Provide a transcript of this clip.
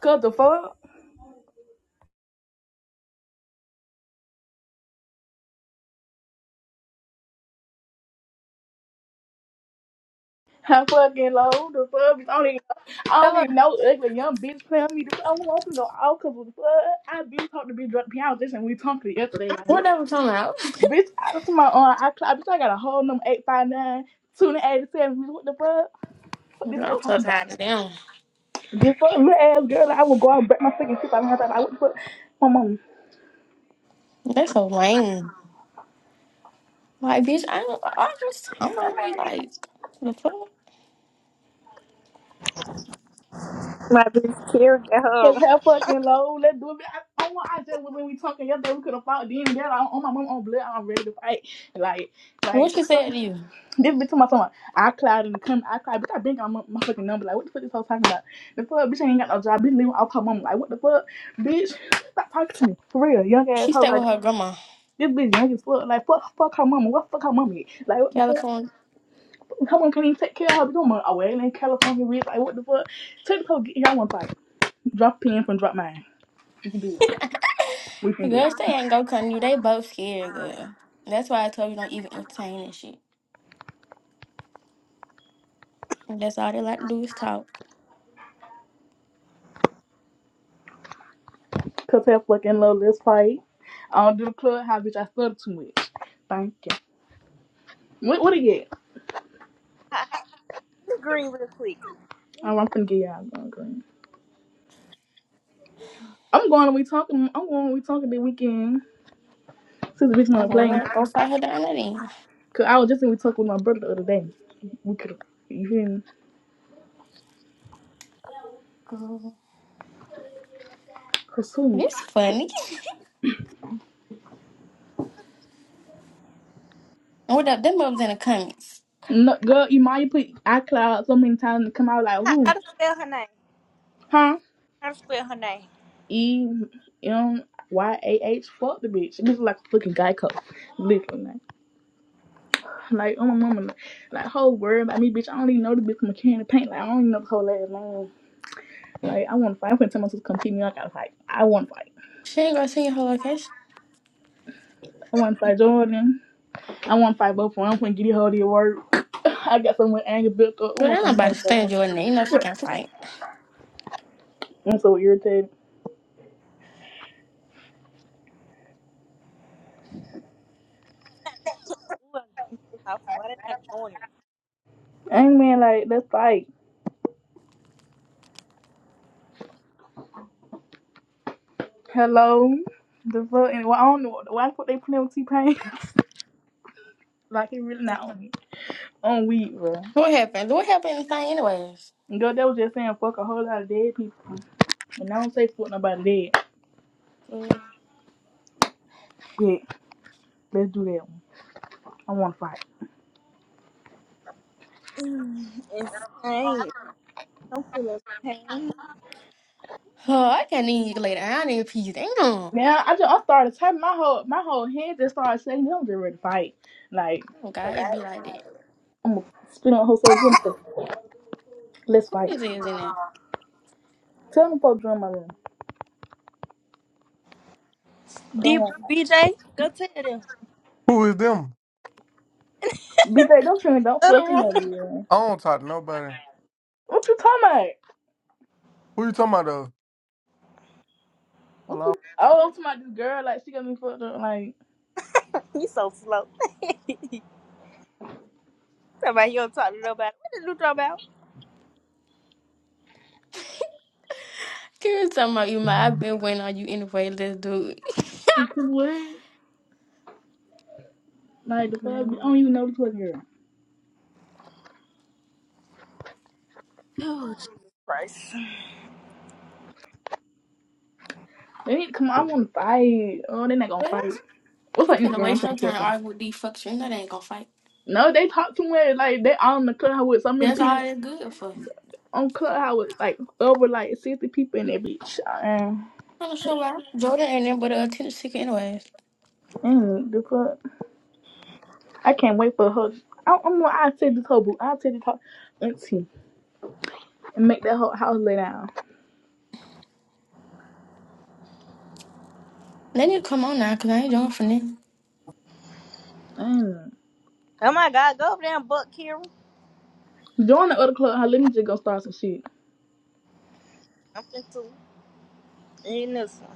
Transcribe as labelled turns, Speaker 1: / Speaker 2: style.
Speaker 1: Cause the fuck, how fucking low the fuck? bitch, I don't even, I don't
Speaker 2: Hello,
Speaker 1: even know ugly young bitch playing me. I don't want to go out cause of the fuck. I been talking to bitch drunk piano this and we talked to yesterday. Like,
Speaker 2: what they were talking about?
Speaker 1: bitch, I was to my own. I clock, bitch, I got a whole number eight five nine two eighty seven. Bitch, what the fuck? What this
Speaker 2: Girl,
Speaker 1: all
Speaker 2: I'm so
Speaker 1: talking about?
Speaker 2: tired of them.
Speaker 1: This fuck little ass girl. like, I will go out and break my fucking shit. I'm don't like, what the put My mom.
Speaker 2: They're so lame. Like, bitch, I don't, I just, I'm going be like, the fuck?
Speaker 3: My best tear gas.
Speaker 1: Cause how fucking low. Let's do it. I, I, want- I just was when we talking yesterday. We could have fought then. Girl, I on my mom on blood. I'm ready to fight. Like,
Speaker 2: And What
Speaker 1: like.
Speaker 2: she said to you?
Speaker 1: This bitch on my phone. I cried in the comment. I cried. Bitch, I been got my, my fucking number. Like, what the fuck is all talking about? The fuck, bitch, I ain't got no job. Bitch, leaving off her mama. Like, what the fuck, bitch? Stop talking to me for real, young ass
Speaker 2: She
Speaker 1: hoe.
Speaker 2: stayed with
Speaker 1: Like,
Speaker 2: her grandma,
Speaker 1: this bitch young as fuck. Like, fuck, fuck her mama. What fuck her mama? is? Like, what the fuck?
Speaker 2: California.
Speaker 1: Her mama can't even take care of her. Bitch, mama away in California, bitch. Like, what the fuck? Take the hoe, get y'all one fight. Drop pen from drop mine. We can do it. We
Speaker 2: The
Speaker 1: can do it.
Speaker 2: girls, they ain't go cutting you. They both scared, girl. That's why I told you don't even entertain that shit. That's all they like to do is talk.
Speaker 1: Cause that fucking low, let's fight. I don't do the clubhouse, bitch. I stutter too much. Thank you. What? What it get?
Speaker 3: How, how to green real quick.
Speaker 1: Oh, I'm finna get y'all going green. I'm going to we talking. I'm going to we talking the weekend. Since the bitch
Speaker 2: So,
Speaker 1: wanna play,
Speaker 2: well, go find her down there then.
Speaker 1: cause I was just in we talking with my brother the other day. We could you hear me?
Speaker 2: Girl,
Speaker 1: Cause who?
Speaker 2: this funny. And what up? Them mother's in the comments.
Speaker 1: No, girl, Imaya put iCloud so many times to come out like
Speaker 3: How,
Speaker 1: who?
Speaker 3: how to spell her name?
Speaker 1: Huh?
Speaker 3: How to spell her name?
Speaker 1: E M Y A H. Fuck the bitch. This is like a fucking Geico. Literally, like, like oh my mama, like, like whole word about me, bitch. I don't even know the bitch mechanic paint. Like I don't even know the whole last name. Like I want to fight. I'm finna tell myself to come keep me. I gotta fight. I want to fight.
Speaker 2: She ain't gonna send you her location.
Speaker 1: I want to fight Jordan. I want to fight both of them. I'm finna get it hard at work. I got so much anger built up. Ooh,
Speaker 2: Girl,
Speaker 1: I'm
Speaker 2: I'm
Speaker 1: finna
Speaker 2: about to
Speaker 1: punch
Speaker 2: stand your name. You know she can fight.
Speaker 1: I'm so irritated.
Speaker 3: Ooh, I'm popping. Why did I join
Speaker 1: Anger man, like that's like hello, the fuck. And why I don't know why the fuck they playing with T Pain. like it really not on on weed, bro.
Speaker 2: What happened? What happened in the thing anyways?
Speaker 1: And Girl, that was just saying fuck a whole lot of dead people. And I don't say fuck nobody dead.
Speaker 2: Uh,
Speaker 1: Yeah, let's do that one. I want to fight.
Speaker 3: it? Insane. I'm feeling pain.
Speaker 2: Oh, I can't even get later. I need peace. Damn. Oh
Speaker 1: Now I just I started typing my whole my whole head just started saying I'm just ready to fight. Like
Speaker 2: God, it be like that.
Speaker 1: I'm gonna spin on her so good. so- Let's
Speaker 2: Who
Speaker 1: fight.
Speaker 2: this is in there?
Speaker 1: Tell them folks to join my room.
Speaker 3: D-
Speaker 1: Come on.
Speaker 3: BJ, go tell them.
Speaker 4: Who is them?
Speaker 1: BK, don't show me. Don't
Speaker 3: Other
Speaker 1: fucking
Speaker 3: one.
Speaker 1: up, BK.
Speaker 4: I don't talk to nobody.
Speaker 1: What you talking about?
Speaker 4: Who you talking about though?
Speaker 1: What
Speaker 4: Hello?
Speaker 1: you, oh, I'm talking about this girl. Like, she got me fucked up. Like,
Speaker 3: you so slow. Somebody you don't talk to nobody. What did you talk about?
Speaker 2: Girl, talking about you, my. I've been waiting on you anyway. Let's do it.
Speaker 1: what? Like, the fuck?
Speaker 2: Girl.
Speaker 1: I don't even know this fucking girl.
Speaker 3: Oh Jesus Christ.
Speaker 1: They need to come on. I want to fight. Oh, they not going to
Speaker 2: Well,
Speaker 1: fight. What's
Speaker 2: you
Speaker 1: my
Speaker 2: finna
Speaker 1: Instagram? I'm
Speaker 2: waste
Speaker 1: trying
Speaker 2: your
Speaker 1: to
Speaker 2: time
Speaker 1: trust them.
Speaker 2: arguing with these fuckers. You know they ain't gonna fight.
Speaker 1: No, they talk too much. Like, they on the clubhouse with so many
Speaker 2: That's
Speaker 1: people.
Speaker 2: all they're good for.
Speaker 1: On clubhouse with, like, over, like, 60 people in that bitch. And,
Speaker 2: I don't show why. Jordan ain't there but a attention seeker anyways.
Speaker 1: and the fuck? I can't wait for her. I, I'm gonna, I'll take this whole boot. I'll take this whole auntie and make that whole house lay down.
Speaker 2: They need to come on now, cause I ain't doing for them.
Speaker 1: Mm.
Speaker 3: Oh my God, go over there and buck Kira.
Speaker 1: Join the other club. Let me just go start some shit.
Speaker 3: I'm finna to in this one.